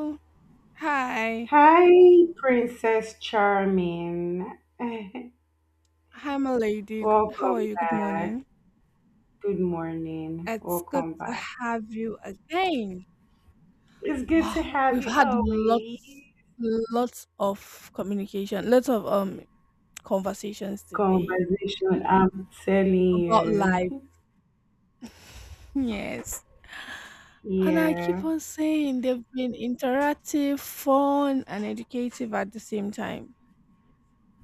Oh, hi, Hi, Princess Charming. I'm lady. How are Welcome you? Good back. morning. Good morning. It's good Welcome to back. have you again. It's good to Wow, have we've you had always. Lots of communication, lots of conversations today Conversation, I'm telling about life. you. Yes. And I keep Yeah, on saying they've been interactive, fun, and educative at the same time.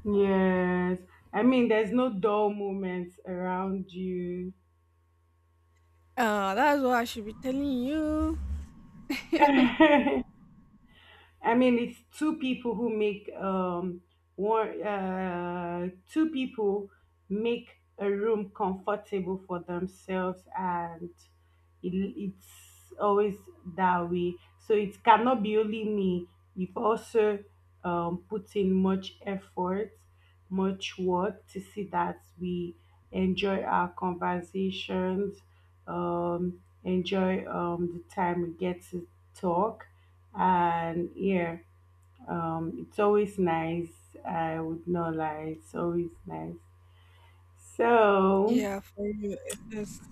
yes. I mean, there's no dull moments around you. That's what I should be telling you. I mean, it's two people who make one two people make a room comfortable for themselves, and it's always that way. So it cannot be only me. You've also put in much effort, much work to see that we enjoy our conversations, enjoy the time we get to talk and it's always nice. I would not lie. It's always nice. So, Yeah, for you, it is.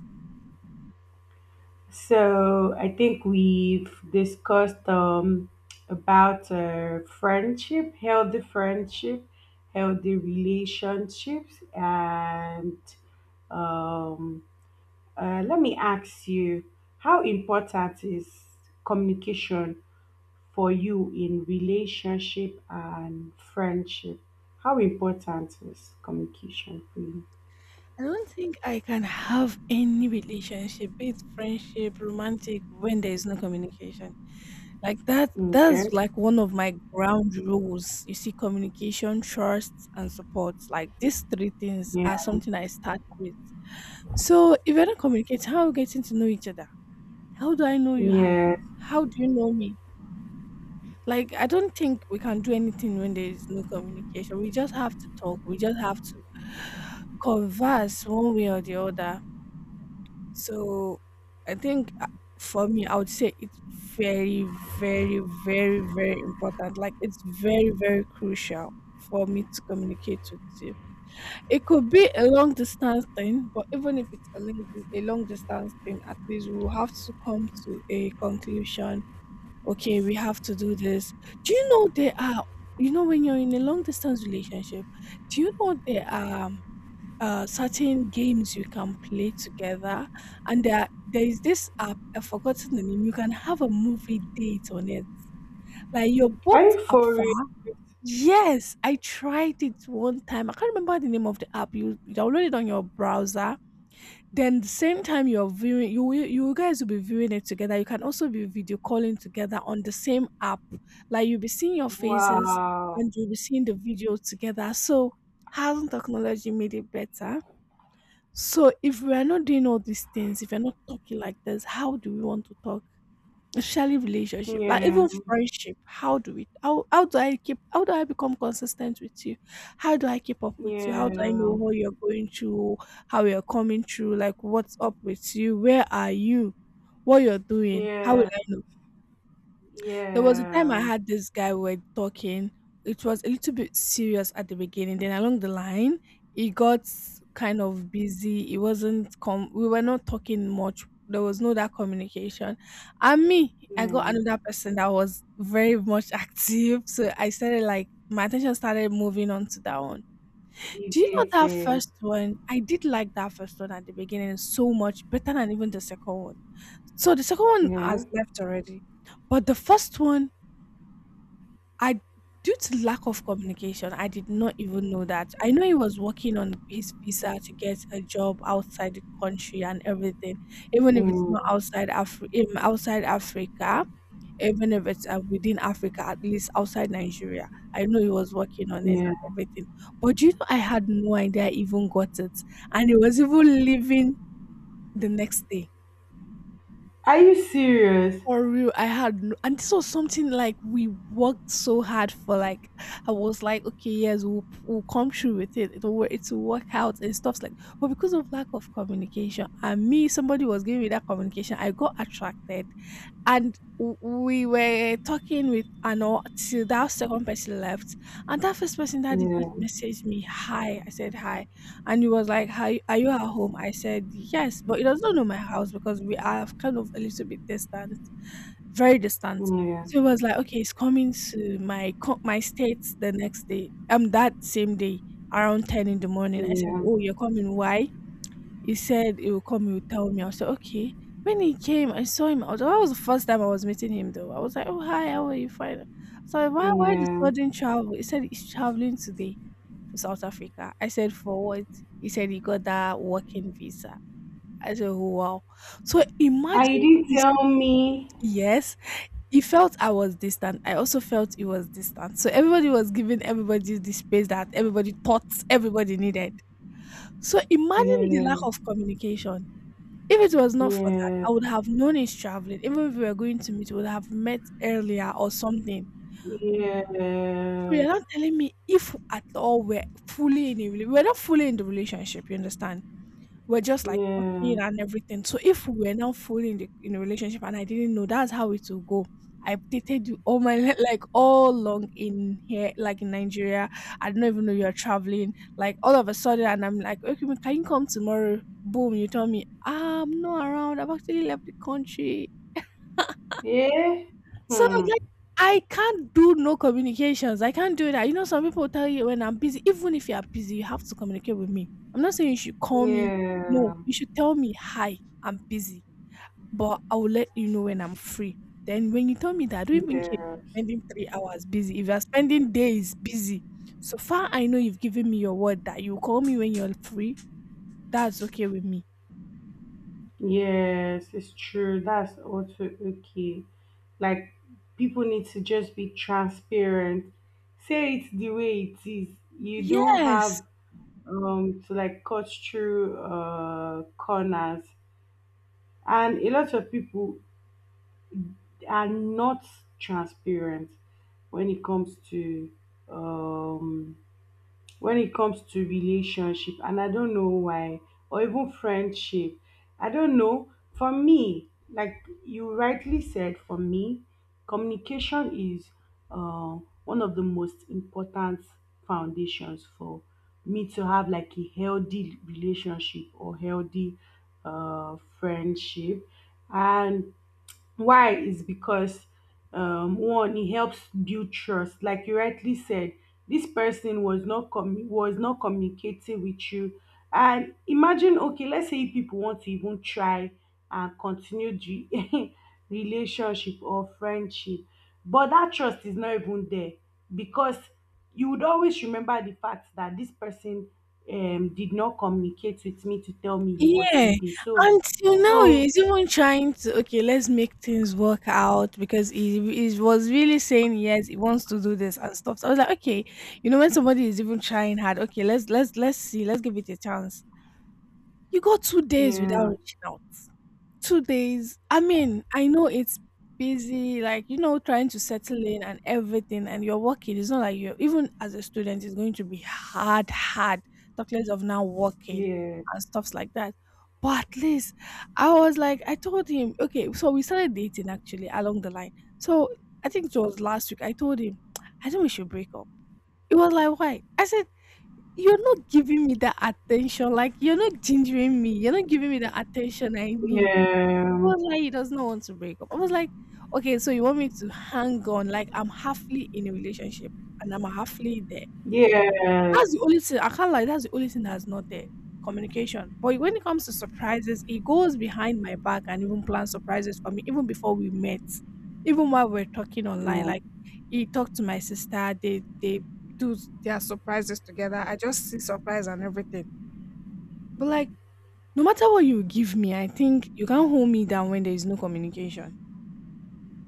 so I think we've discussed about friendship, healthy relationships, and um, let me ask you, how important is communication for you in relationship and friendship? How important is communication for you? I don't think I can have any relationship, be it friendship, romantic, when there is no communication. Like Okay. that's like one of my ground rules. You see, communication, trust, and support. Like these three things are Yeah. something I start with. So if I don't communicate, how are we getting to know each other? How do I know you? How Yeah. how do you know me? Like I don't think we can do anything when there is no communication. We just have to talk. We just have to converse one way or the other. So I think for me, I would say it's very, very, very, very important. Like it's very, very crucial for me to communicate with you. It could be a long distance thing, but even if it's a a long distance thing, at least we'll have to come to a conclusion. Okay, we have to do this. Do you know there are, you know, when you're in a long distance relationship, do you know there are certain games you can play together. And there is this app, I've forgotten the name, you can have a movie date on it. Like you're Are both you up for for. real? Yes, I tried it one time. I can't remember the name of the app. You download it on your browser. Then the same time you're viewing, you guys will be viewing it together. You can also be video calling together on the same app. Like you'll be seeing your faces Wow. and you'll be seeing the video together. So hasn't technology made it better? So if we are not doing all these things, if we are not talking like this, how do we want to talk? Especially relationship, like Yeah. even friendship. How do we? How do I keep? How do I become consistent with you? How do I keep up with you? How do I know Yeah. what you're going through? How you're coming through? Like what's up with you? Where are you? What you're doing? How will Yeah. I know? There was a time I Yeah. had this guy we were talking. It was a little bit serious at the beginning. Then along the line, he got kind of busy. He wasn't com. We were not talking much. There was no that communication. And me, I got Yeah. another person that was very much active. So I started like my attention started moving on to that one. Do you know that Deviated. first one? I did like that first one at the beginning so much better than even the second one. So the second one Yeah. has left already. But the first one, I due to lack of communication, I did not even know that. I know he was working on his visa to get a job outside the country and everything, even if it's Mm. not outside outside Africa, even if it's within Africa, at least outside Nigeria. I know he was working on it Yeah. and everything. But do you know, I had no idea I even got it, and he was even leaving the next day. Are you serious? For real, I had no, and this was something like we worked so hard for. Like I was like, okay, yes, we'll come through with it. It will work out and stuff like. But because of lack of communication, and me, somebody was giving me that communication. I got attracted, and we were talking with and all till that second person left, and that first person that did Yeah. just messaged me, hi. I said hi, and he was like, hi, are you at home? I said yes, but he doesn't know my house because we are kind of a little bit distant. Very distant. Yeah. So it was like, okay, it's coming to my state the next day. That same day around 10 in the morning. I said, Yeah. "Oh, you're coming? Why?" He said he will come. He will tell me. I said, "Okay." When he came, I saw him. That was the first time I was meeting him, though. I was like, "Oh, hi, how are you?" Fine. So why the Yeah. sudden travel? He said he's traveling today to South Africa. I said, "For what?" He said he got that working visa. I said, "Oh, Wow." So And you imagine didn't this. tell me. Yes, he felt I was distant. I also felt he was distant. So everybody was giving everybody the space that everybody thought everybody needed. So imagine the Yeah. lack of communication. If it was not for that, Yeah. I would have known he's traveling. Even if we were going to meet, we would have met earlier or something. Yeah, So you're not telling me if at all we're fully in a relationship. We're not fully in the relationship, you understand? We're just like yeah, talking and everything. So if we were now fully in the in a relationship and I didn't know, that's how it will go. I've dated you all my like all along in here, like in Nigeria. I don't even know you're traveling. Like all of a sudden, and I'm like, okay, can you come tomorrow? Boom, you tell me, "Ah, I'm not around. I've actually left the country. yeah, So hmm, like, I can't do no communications. I can't do that. You know, some people tell you when I'm busy, even if you are busy, you have to communicate with me. I'm not saying you should call me. No, yeah, you should tell me, hi, I'm busy, but I will let you know when I'm free. Then when you tell me that, I don't even care if you're yes, spending 3 hours busy. If you're spending days busy, so far I know you've given me your word that you call me when you're free. That's okay with me. yes, it's true. That's also okay. Like, people need to just be transparent. Say it the way it is. You don't Yes. have to like cut through corners. And a lot of people are not transparent when it comes to um relationship, and I don't know why, or even friendship. I don't know, for me, like, you rightly said, for me communication is uh, one of the most important foundations for me to have like a healthy relationship or healthy friendship. And why is because one, it helps build trust. Like you rightly said, this person was not com was not communicating with you. And imagine, okay, let's say if people want to even try and continue the relationship or friendship, but that trust is not even there because you would always remember the fact that this person did not communicate with me to tell me he was Yeah, leaving. So, until now so he's even trying to okay, let's make things work out because he was really saying yes, he wants to do this and stuff. So I was like, okay, you know, when somebody is even trying hard, okay, let's see, let's give it a chance. You got 2 days without yeah, reaching out. 2 days. I mean, I know it's busy, like, you know, trying to settle in and everything, and you're working. It's not like you're, even as a student, it's going to be hard, talk less of now working yeah. and stuffs like that. But at least I was like, I told him, okay, so we started dating actually along the line. So I think it was last week. I told him, I think we should break up. It was like, why? I said, you're not giving me the attention. Like, you're not gingering me. You're not giving me the attention I need. He Yeah. was like, he does not want to break up. I was like, okay, so you want me to hang on? Like, I'm halfly in a relationship and I'm halfly there. Yes. That's the only thing I can't lie. That's the only thing that's not there. Communication. But when it comes to surprises, he goes behind my back and even plans surprises for me, even before we met, even while we're talking online. Oh, Like, he talked to my sister. They do their surprises together. I just see surprise and everything. But like, no matter what you give me, I think you can't hold me down when there is no communication.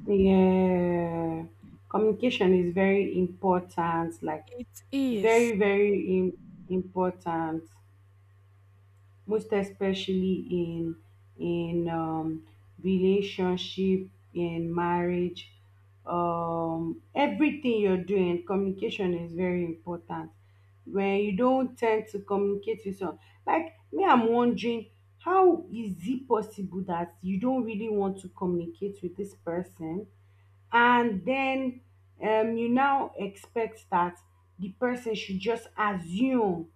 yeah. Communication is very important, like It is. very, important, most especially in in um, relationship, in marriage, everything you're doing. Communication is very important. When you don't tend to communicate with someone, like me, I'm wondering, how is it possible that you don't really want to communicate with this person? And then you now expect that the person should just assume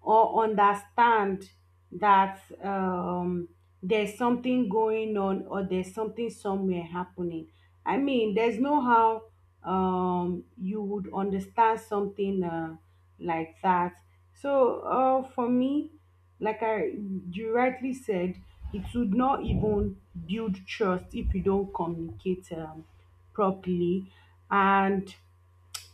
or understand that there's something going on or there's something somewhere happening. I mean, there's no how you would understand something like that. So for me, like I, you rightly said, it would not even build trust if you don't communicate properly. And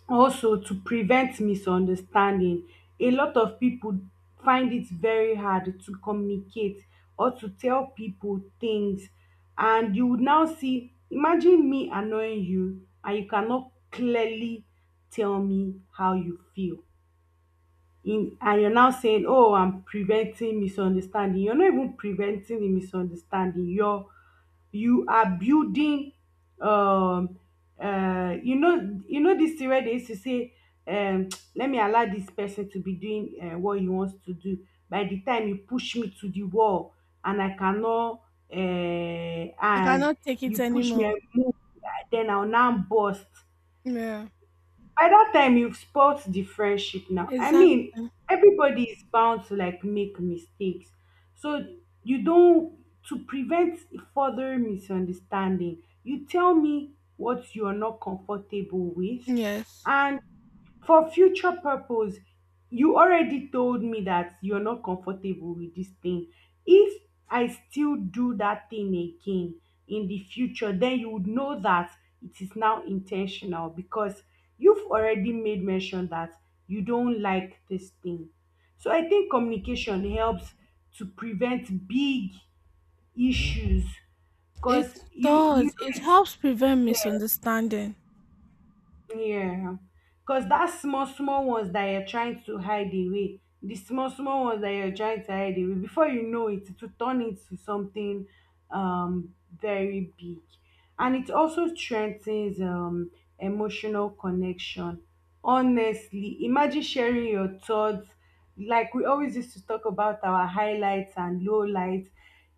also to prevent misunderstanding, a lot of people find it very hard to communicate or to tell people things. And you would now see, imagine me annoying you, and you cannot clearly tell me how you feel in, and you're now saying, "Oh, I'm preventing misunderstanding." You're not even preventing the misunderstanding. You are building um you know, you know this theory. They used to say um let me allow this person to be doing what he wants to do. By the time you push me to the wall and I cannot uh, I and cannot take you it push me, I anymore. move, then I'll now burst. Yeah, By that time you've spoilt the friendship. Now, I exactly. mean, everybody is bound to like make mistakes. So you don't, to prevent further misunderstanding, you tell me what you're not comfortable with. Yes. And for future purpose, you already told me that you're not comfortable with this thing. If I still do that thing again in the future, then you would know that it is now intentional because you've already made mention that you don't like this thing. So I think communication helps to prevent big issues, because It you does. It helps prevent misunderstanding. Yeah, because that small, small ones that you're trying to hide away, the small, small ones that you're trying to hide away, before you know it, it will turn into something um, very big. And it also strengthens emotional connection. Honestly, imagine sharing your thoughts. Like we always used to talk about our highlights and lowlights.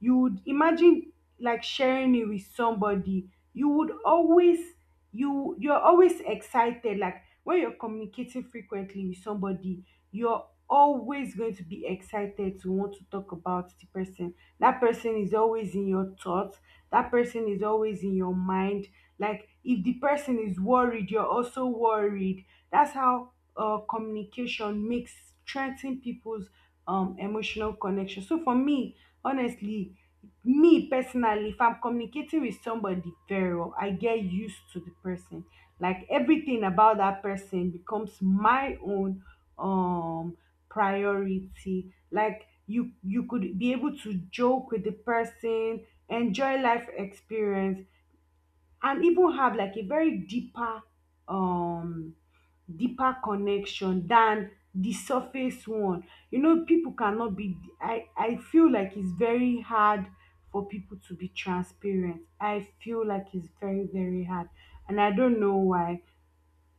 You would imagine like sharing it with somebody. You would always, you're always excited, like when you're communicating frequently with somebody, you're always going to be excited to want to talk about the person. That person is always in your thoughts, that person is always in your mind. Like if the person is worried, you're also worried. That's how communication makes, strengthen people's emotional connection. So for me, honestly, me personally, if I'm communicating with somebody very well, I get used to the person. Like everything about that person becomes my own um priority. Like you could be able to joke with the person, enjoy life experience, and even have like a very deeper um deeper connection than the surface one. You know, people cannot be, I feel like it's very hard for people to be transparent. I feel like it's very, very hard, and I don't know why,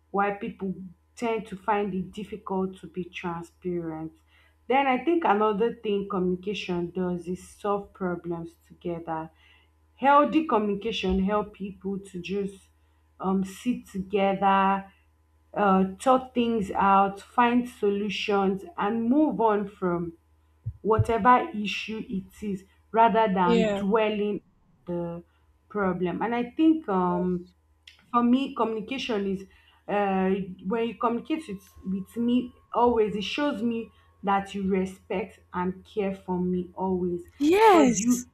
people tend to find it difficult to be transparent. Then I think another thing communication does is solve problems together. Healthy communication help people to just sit together, talk things out, find solutions, and move on from whatever issue it is, rather than Yeah. dwelling the problem. And I think for me, communication is uh, when you communicate with me always, it shows me that you respect and care for me always. Because you, Yes.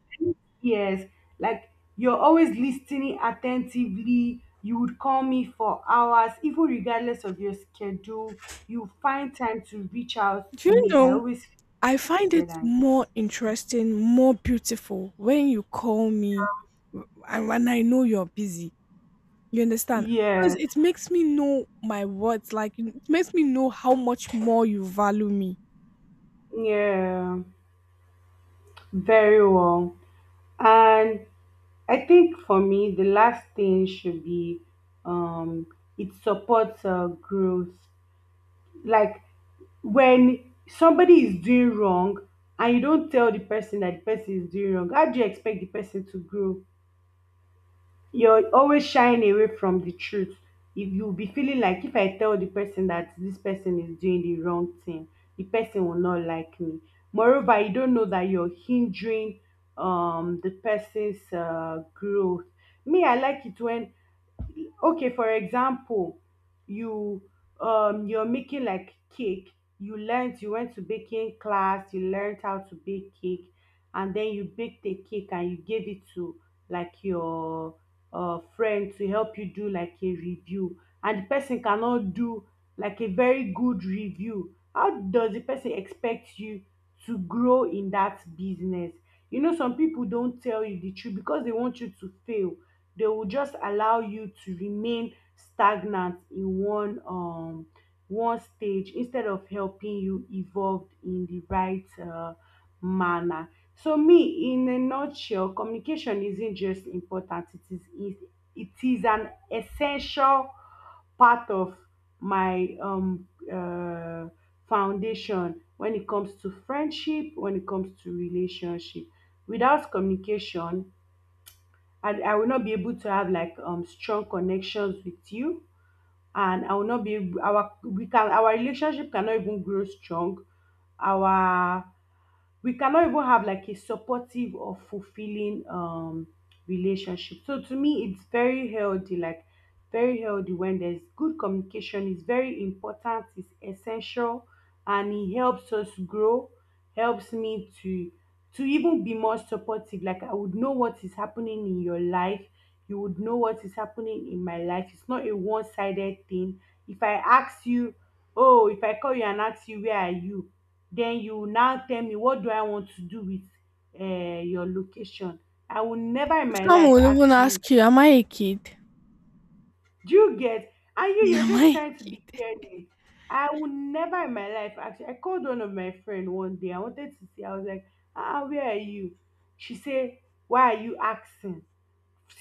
yes, like you're always listening attentively. You would call me for hours, even regardless of your schedule. You find time to reach out Do to you me. I know? always I find it expected. And more interesting, more beautiful when you call me and when I know you're busy. You understand? Because yes, it makes me know my words. Like, it makes me know how much more you value me. yeah, very well. And I think for me, the last thing should be um, it supports growth. Like when somebody is doing wrong and you don't tell the person that the person is doing wrong, how do you expect the person to grow? You're always shying away from the truth. If you'll be feeling like if I tell the person that this person is doing the wrong thing, the person will not like me. Moreover, you don't know that you're hindering the person's growth. Me, I like it when, okay, for example, you you're making like cake. You learned, you went to baking class, you learned how to bake cake, and then you baked the cake and you gave it to like your friend to help you do like a review, and the person cannot do like a very good review. How does the person expect you to grow in that business? You know, some people don't tell you the truth because they want you to fail. They will just allow you to remain stagnant in one one stage instead of helping you evolve in the right manner. So me, in a nutshell, communication isn't just important; it is an essential part of my foundation when it comes to friendship, when it comes to relationship. Without communication, and I will not be able to have like strong connections with you, and I will not be able, our relationship cannot even grow strong. Our we cannot even have like a supportive or fulfilling relationship. So to me it's very healthy, like very healthy. When there's good communication, is very important, it's essential, and it helps us grow, helps me to, even be more supportive. Like I would know what is happening in your life, you would know what is happening in my life. It's not a one-sided thing. If I ask you, oh, if I call you and ask you, "Where are you?" then you now tell me, what do I want to do with your location? I will never in my Some life will even ask you, ask you, am I a kid? do you get? And you, you're Am just I a trying to be kid? caring. I will never in my life ask you. I called one of my friend one day. I wanted to see. I was like, ah, where are you? She said, why are you asking?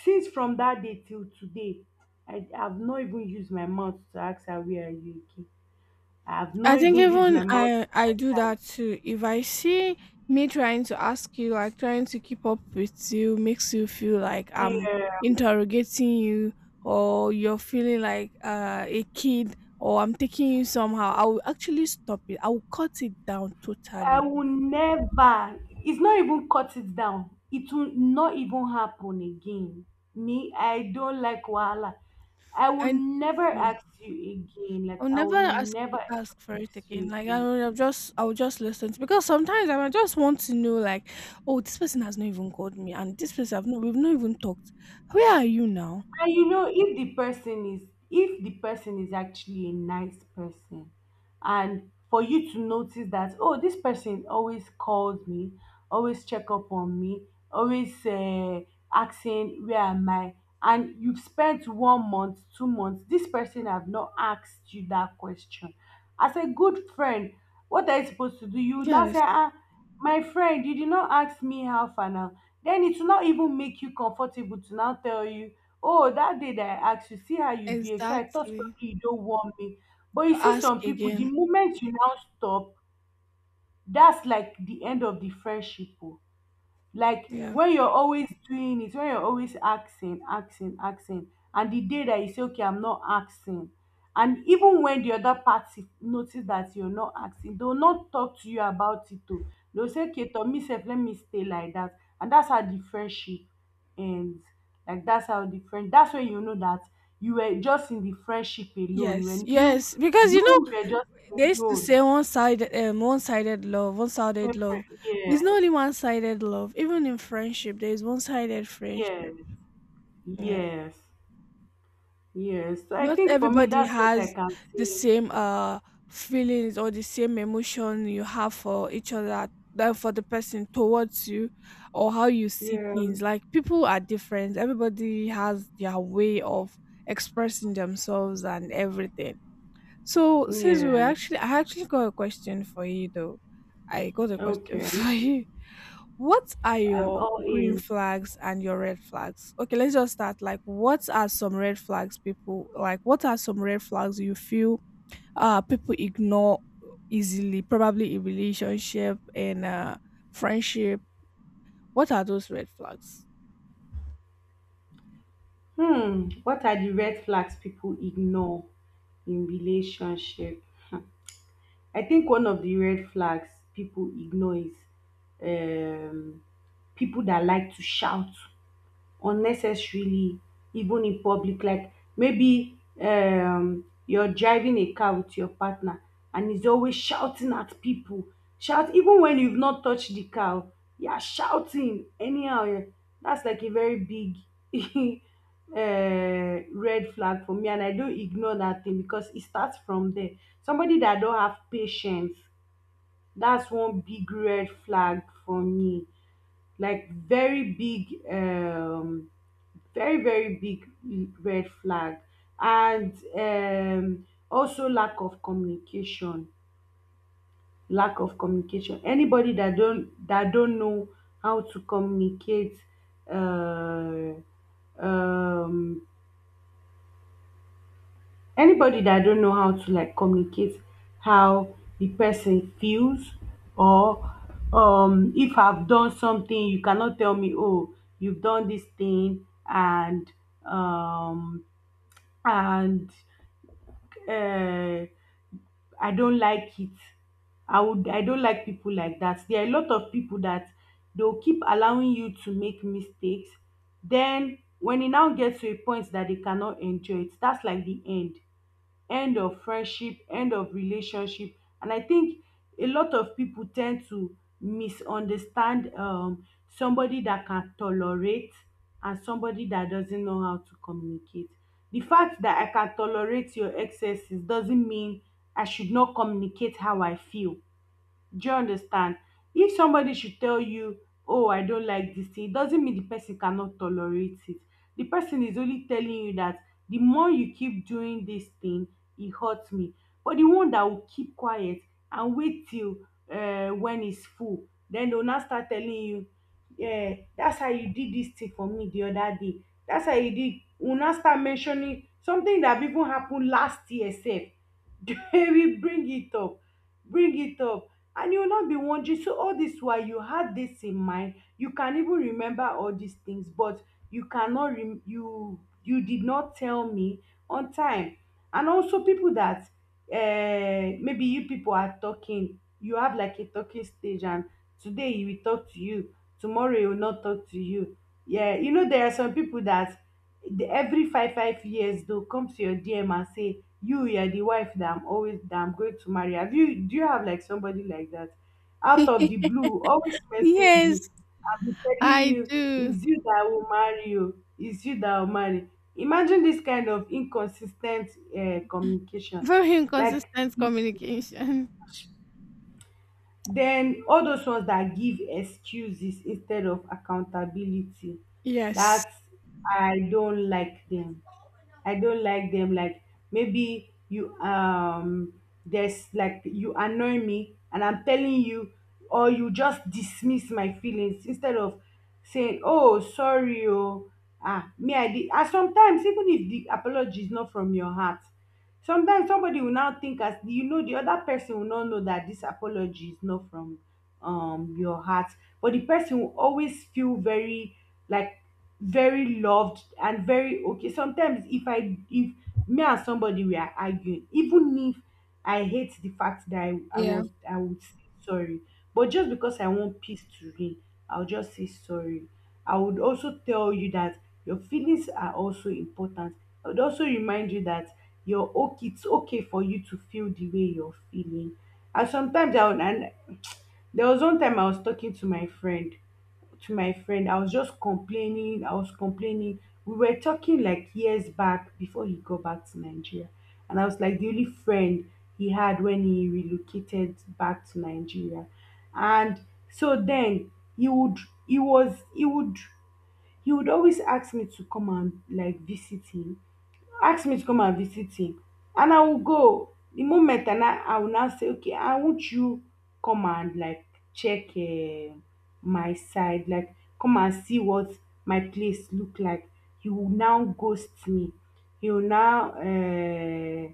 Since from that day till today, I have not even used my mouth to ask her where are you again. I have I not think even used my even mouth to I do ask that too. If I see me trying to ask you, like trying to keep up with you, makes you feel like her. I'm Yeah. interrogating you, or you're feeling like a kid, or I'm taking you somehow, I will actually stop it. I will cut it down I totally. will never. It's not even cut it down. It will not even happen again. Me, I don't like wahala. I will I And never ask you again. Like I'll I never will never ask for ask it again. you Like I again. will just I'll just listen to, because sometimes I might just want to know like, oh, this person has not even called me and this person I've not we've not even talked. Where are you now? And you know, if the person is actually a nice person, and for you to notice that, oh, this person always calls me, always check up on me, always, asking where am I, and you've spent 1 month, 2 months, this person have not asked you that question, as a good friend. What are you supposed to do? You would now say, Yes, ah, my friend, you did not ask me how far now. Then it will not even make you comfortable to now tell you, oh, that day that I asked you, see how you behave. So I thought exactly. probably you don't want me. But To you see, ask some people, the again. moment you now stop, that's like the end of the friendship. Oh. Like, Yeah. when you're always doing it, when you're always asking, asking, asking, and the day that you say, okay, I'm not asking, and even when the other party notice that you're not asking, they'll not talk to you about it too, they'll say, okay, to me self, let me stay like that, and that's how the friendship ends. Like, that's how the friend, that's when you know that you were just in the friendship alone. Yes, When you yes. Because you you know were just they used to alone. say one sided love, one sided love. There's not only Yes, one sided love. Even in friendship, there is one sided friendship. yes, Yeah. yes. Yes, so I Not think for me, everybody that's what I has can the see. same feelings or the same emotion you have for each other than for the person towards you or how you see Yeah, things. Like people are different. Everybody has their way of expressing themselves and everything. So since we were yeah, actually I actually got a question for you though. I got a question okay. for you. What are I'm your all green ears. flags and your red flags? Okay, let's just start. Like, what are some red flags people like? What are some red flags you feel people ignore easily, probably in relationship and friendship? What are those red flags? Hmm, what are the red flags people ignore in relationship? I think one of the red flags people ignore is, um, people that like to shout unnecessarily, even in public. Like, maybe, you're driving a car with your partner, and he's always shouting at people, shout even when you've not touched the car. Oh, you are shouting anyhow, eh, that's like a very big red flag for me, and I don't ignore that thing because it starts from there. Somebody that don't have patience, that's one big red flag for me. Like, very big, very, very big red flag. And also lack of communication. Lack of communication. Anybody that don't know how to communicate, uh, um anybody that don't know how to like communicate how the person feels, or, if I've done something, you cannot tell me, oh, you've done this thing. And um and uh, I don't like it. I don't like people like that. There are a lot of people that they'll keep allowing you to make mistakes. Then when it now gets to a point that they cannot enjoy it, that's like the end. End of friendship, end of relationship. And I think a lot of people tend to misunderstand, somebody that can tolerate and somebody that doesn't know how to communicate. The fact that I can tolerate your excesses doesn't mean I should not communicate how I feel. Do you understand? If somebody should tell you, oh, I don't like this thing, it doesn't mean the person cannot tolerate it. The person is only telling you that the more you keep doing this thing, it hurts me. But the one that will keep quiet and wait till, when it's full, then they'll now start telling you, yeah, that's how you did this thing for me the other day. That's how you did. We'll now start mentioning something that even happened last year, self. They will bring it up. Bring it up. And you will not be wondering, so all this while you had this in mind, you can even remember all these things, but you cannot you did not tell me on time. And also people that, maybe you people are talking, you have like a talking stage, and today he will talk to you, tomorrow he will not talk to you. Yeah, you know, there are some people that, every five years they'll come to your DM and say, you, you're the wife that I'm always, that I'm going to marry. Have you, do you have like somebody like that? Out of the blue, always message you Yes, and be telling I you, do. it's you that will marry you, it's you that will marry. Imagine this kind of inconsistent, communication. Very Like, inconsistent communication. then all those ones that give excuses instead of accountability, Yes. that, I don't like them. I don't like them. Like, maybe you, there's like you annoy me and I'm telling you, or you just dismiss my feelings instead of saying, oh, sorry, oh, ah, me, I did. And sometimes, even if the apology is not from your heart, sometimes somebody will now think, as you know, di oda person will now know dat dis apology is not from, your heart, but the person will always feel very, like, very loved and very okay. Sometimes, if me and somebody we are arguing, even if I hate the fact that i, I Yeah. was i would say sorry, but just because I want peace to reign, I'll just say sorry. I would also tell you that your feelings are also important. I would also remind you that you're okay, it's okay for you to feel the way you're feeling. And sometimes I would. And there was one time I was talking to my friend, I was just complaining, I was complaining. We were talking like years back before he got back to Nigeria. And I was like the only friend he had when he relocated back to Nigeria. And so then he would he was he would always ask me to come and like visit him, ask me to come and visit him, and I will go. The moment, and I will now say, okay, I want you, come and like check, my side, like, come and see what my place look like. He will now ghost me. He will now uh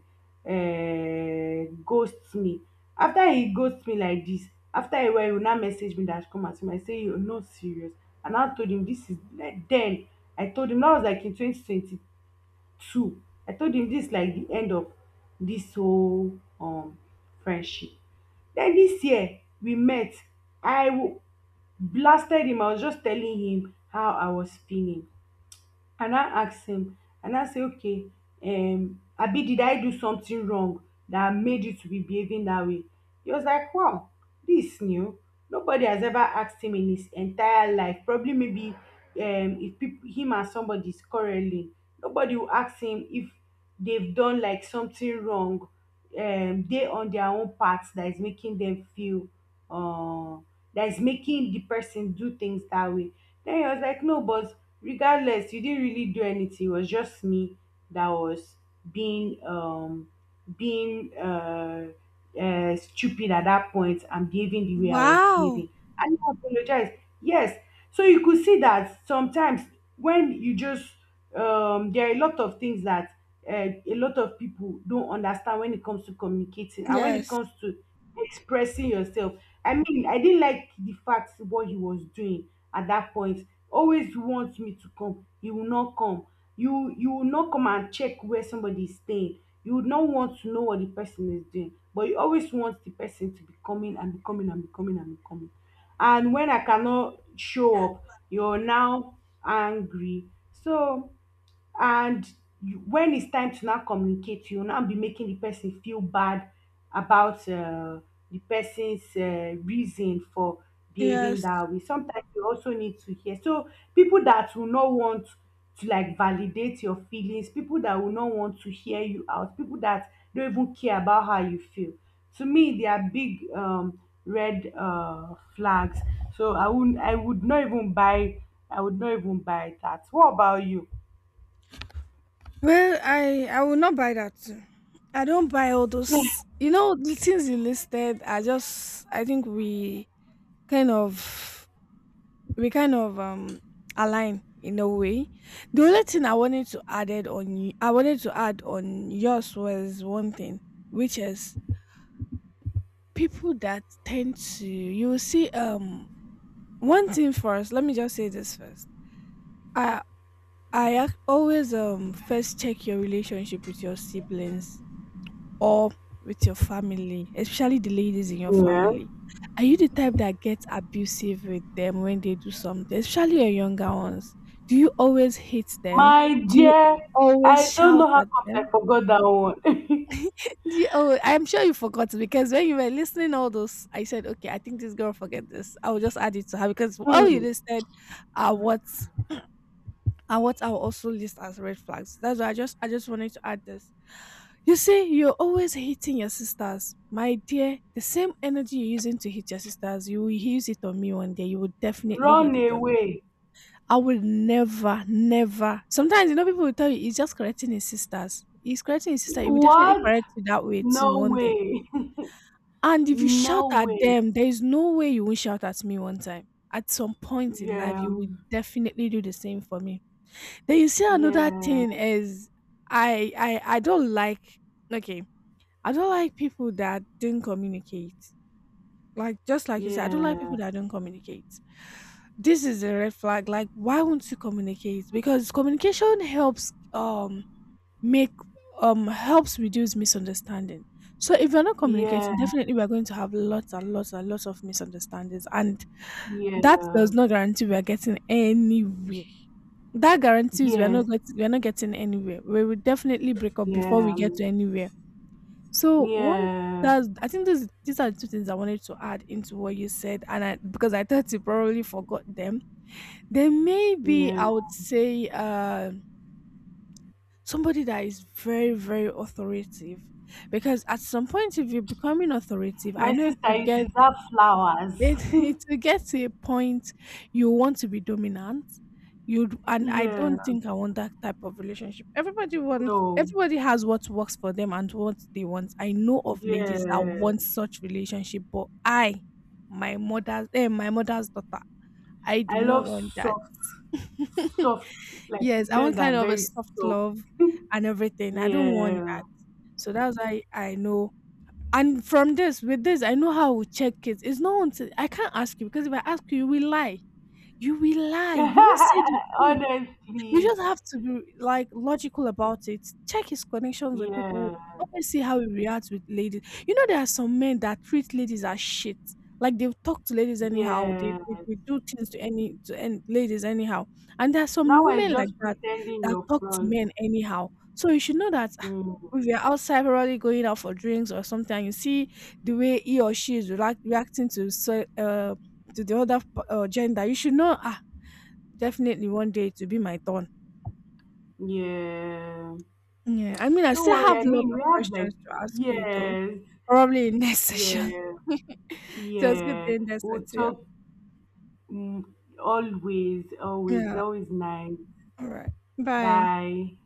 uh ghost me. After he ghost me like this, after a while he will now message me that, come and see me. I say, you are not serious. And I told him this is like, then I told him that was like in twenty twenty too. I told him dis like the end of dis whole, friendship. Den dis year we met, i w- blasted him. I was just telling him how I was feeling. And I asked him, and I say, okay, abi did I do something wrong that made you to be behaving that way? He was like, wow, this is new. Nobody has ever asked him in his entire life. Probably, maybe, if people, him and somebody is quarreling, nobody will ask him if they've done like something wrong, they on their own part that is making them feel, uh that is making the person do things that way. Then he was like, no, but regardless you didn't really do anything, it was just me that was being um being stupid at that point and behaving the way I was behaving. Wow. I didn't apologize. Yes. So you could see that sometimes when you just, there are a lot of things that, uh, a lot of people don't understand when it comes to communicating and when it Yes. comes to expressing yourself. I mean, I didn't like the fact what he was doing at that point. Always want me to come, you will not come, you will not come and check where somebody is staying. You would not want to know what the person is doing, but you always want the person to be coming and be coming and be coming and be coming. And when I cannot show up, you're now angry. So, and you, when it's time to now communicate, you will now be making the person feel bad about, the person's, reason for behaving Yes. that way. Sometimes you also need to hear. So people that will not want to like validate your feelings, people that will not want to hear you out, people that don't even care about how you feel, to me they are big, red, flags. So I would not even buy, that. What about you? Well, I will not buy that too. I don't buy all those. You know, the things you listed are just. I think kind of we kind of align in a way. The only thing I wanted to add on yours was one thing, which is people that tend to you will see one thing first. Let me just say this first. I always first check your relationship with your siblings or with your family, especially the ladies in your Yeah. family. Are you the type that gets abusive with them when they do something, especially your younger ones? Do you always hit them? My Do you dear, always I don't know shout how at come I them? forgot that one. Do you always, I'm sure you forgot because when you were listening all those, I said, okay, I think this girl forget this. I will just add it to her because all you Hmm. listed are what and what I'll also list as red flags. That's why I just wanted to add this. You see, you're always hitting your sisters. My dear, the same energy you're using to hit your sisters, you will use it on me one day. You will definitely hit Run it on me. away. I will never, never. Sometimes, you know, people will tell you he's just correcting his sisters. He's correcting his sister. He will definitely What? correct you that way too No one day. way. And if you shout No at way. them, there is no way you won't shout at me one time. At some point in life, Yeah. you will definitely do the same for me. Then you see another Yeah. thing is I don't like okay. I don't like people that don't communicate. Like just like you said, I don't like Yeah. people that don't communicate. This is a red flag. Like why won't you communicate? Because communication helps make helps reduce misunderstanding. So if you're not Yeah. communicating, definitely we're going to have lots and lots and lots of misunderstandings and that Yeah. does not guarantee we are getting anywhere. That guarantees Yes. We are not getting anywhere. We will definitely break up before Yeah. we get to anywhere. So one Yeah. that's I think these are the two things I wanted to add into what you said, and I because I thought you probably forgot them. Then maybe Yeah. I would say somebody that is very very authoritative, because at some point if you're becoming authoritative, I My know it sister, will you get deserve flowers. It it will get to a point you want to be dominant. You'd and I Yeah. don't think I want that type of relationship. No. Everybody has what works for them and what they want. I know of ladies that Yes. want such relationship, but I, my mother's daughter, I do I not love want that. soft, soft, like Yes, I men want that kind are of a very soft soft. love and everything. I don't want Yeah. that. So that's why I know and from this, with this, I know how I will check it. It's not until I can't ask you because if I ask you, you will lie. You will lie. You won't say the truth. You just Honestly. have to be, like, logical about it. Check his connections with people. Yeah. Always see how he reacts with ladies. You know, there are some men that treat ladies as shit. Like they talk to ladies anyhow. Yeah. They do things to any ladies anyhow. And there are some Now it's women like just that pretending that you're talk to front. men anyhow. So you should know that Mm. if you're outside probably going out for drinks or something, and you see the way he or she is reacting to to the other gender, you should know ah definitely one day it will be my turn. Yeah. Yeah, I mean, I Don't still worry. I have a lot mean, of we have like, questions to ask you, though. yes. Probably in next session. Yeah. It was good Yeah. being there We'll with you. talk, mm, always, always, Yeah. always nice. All right. Bye. Bye.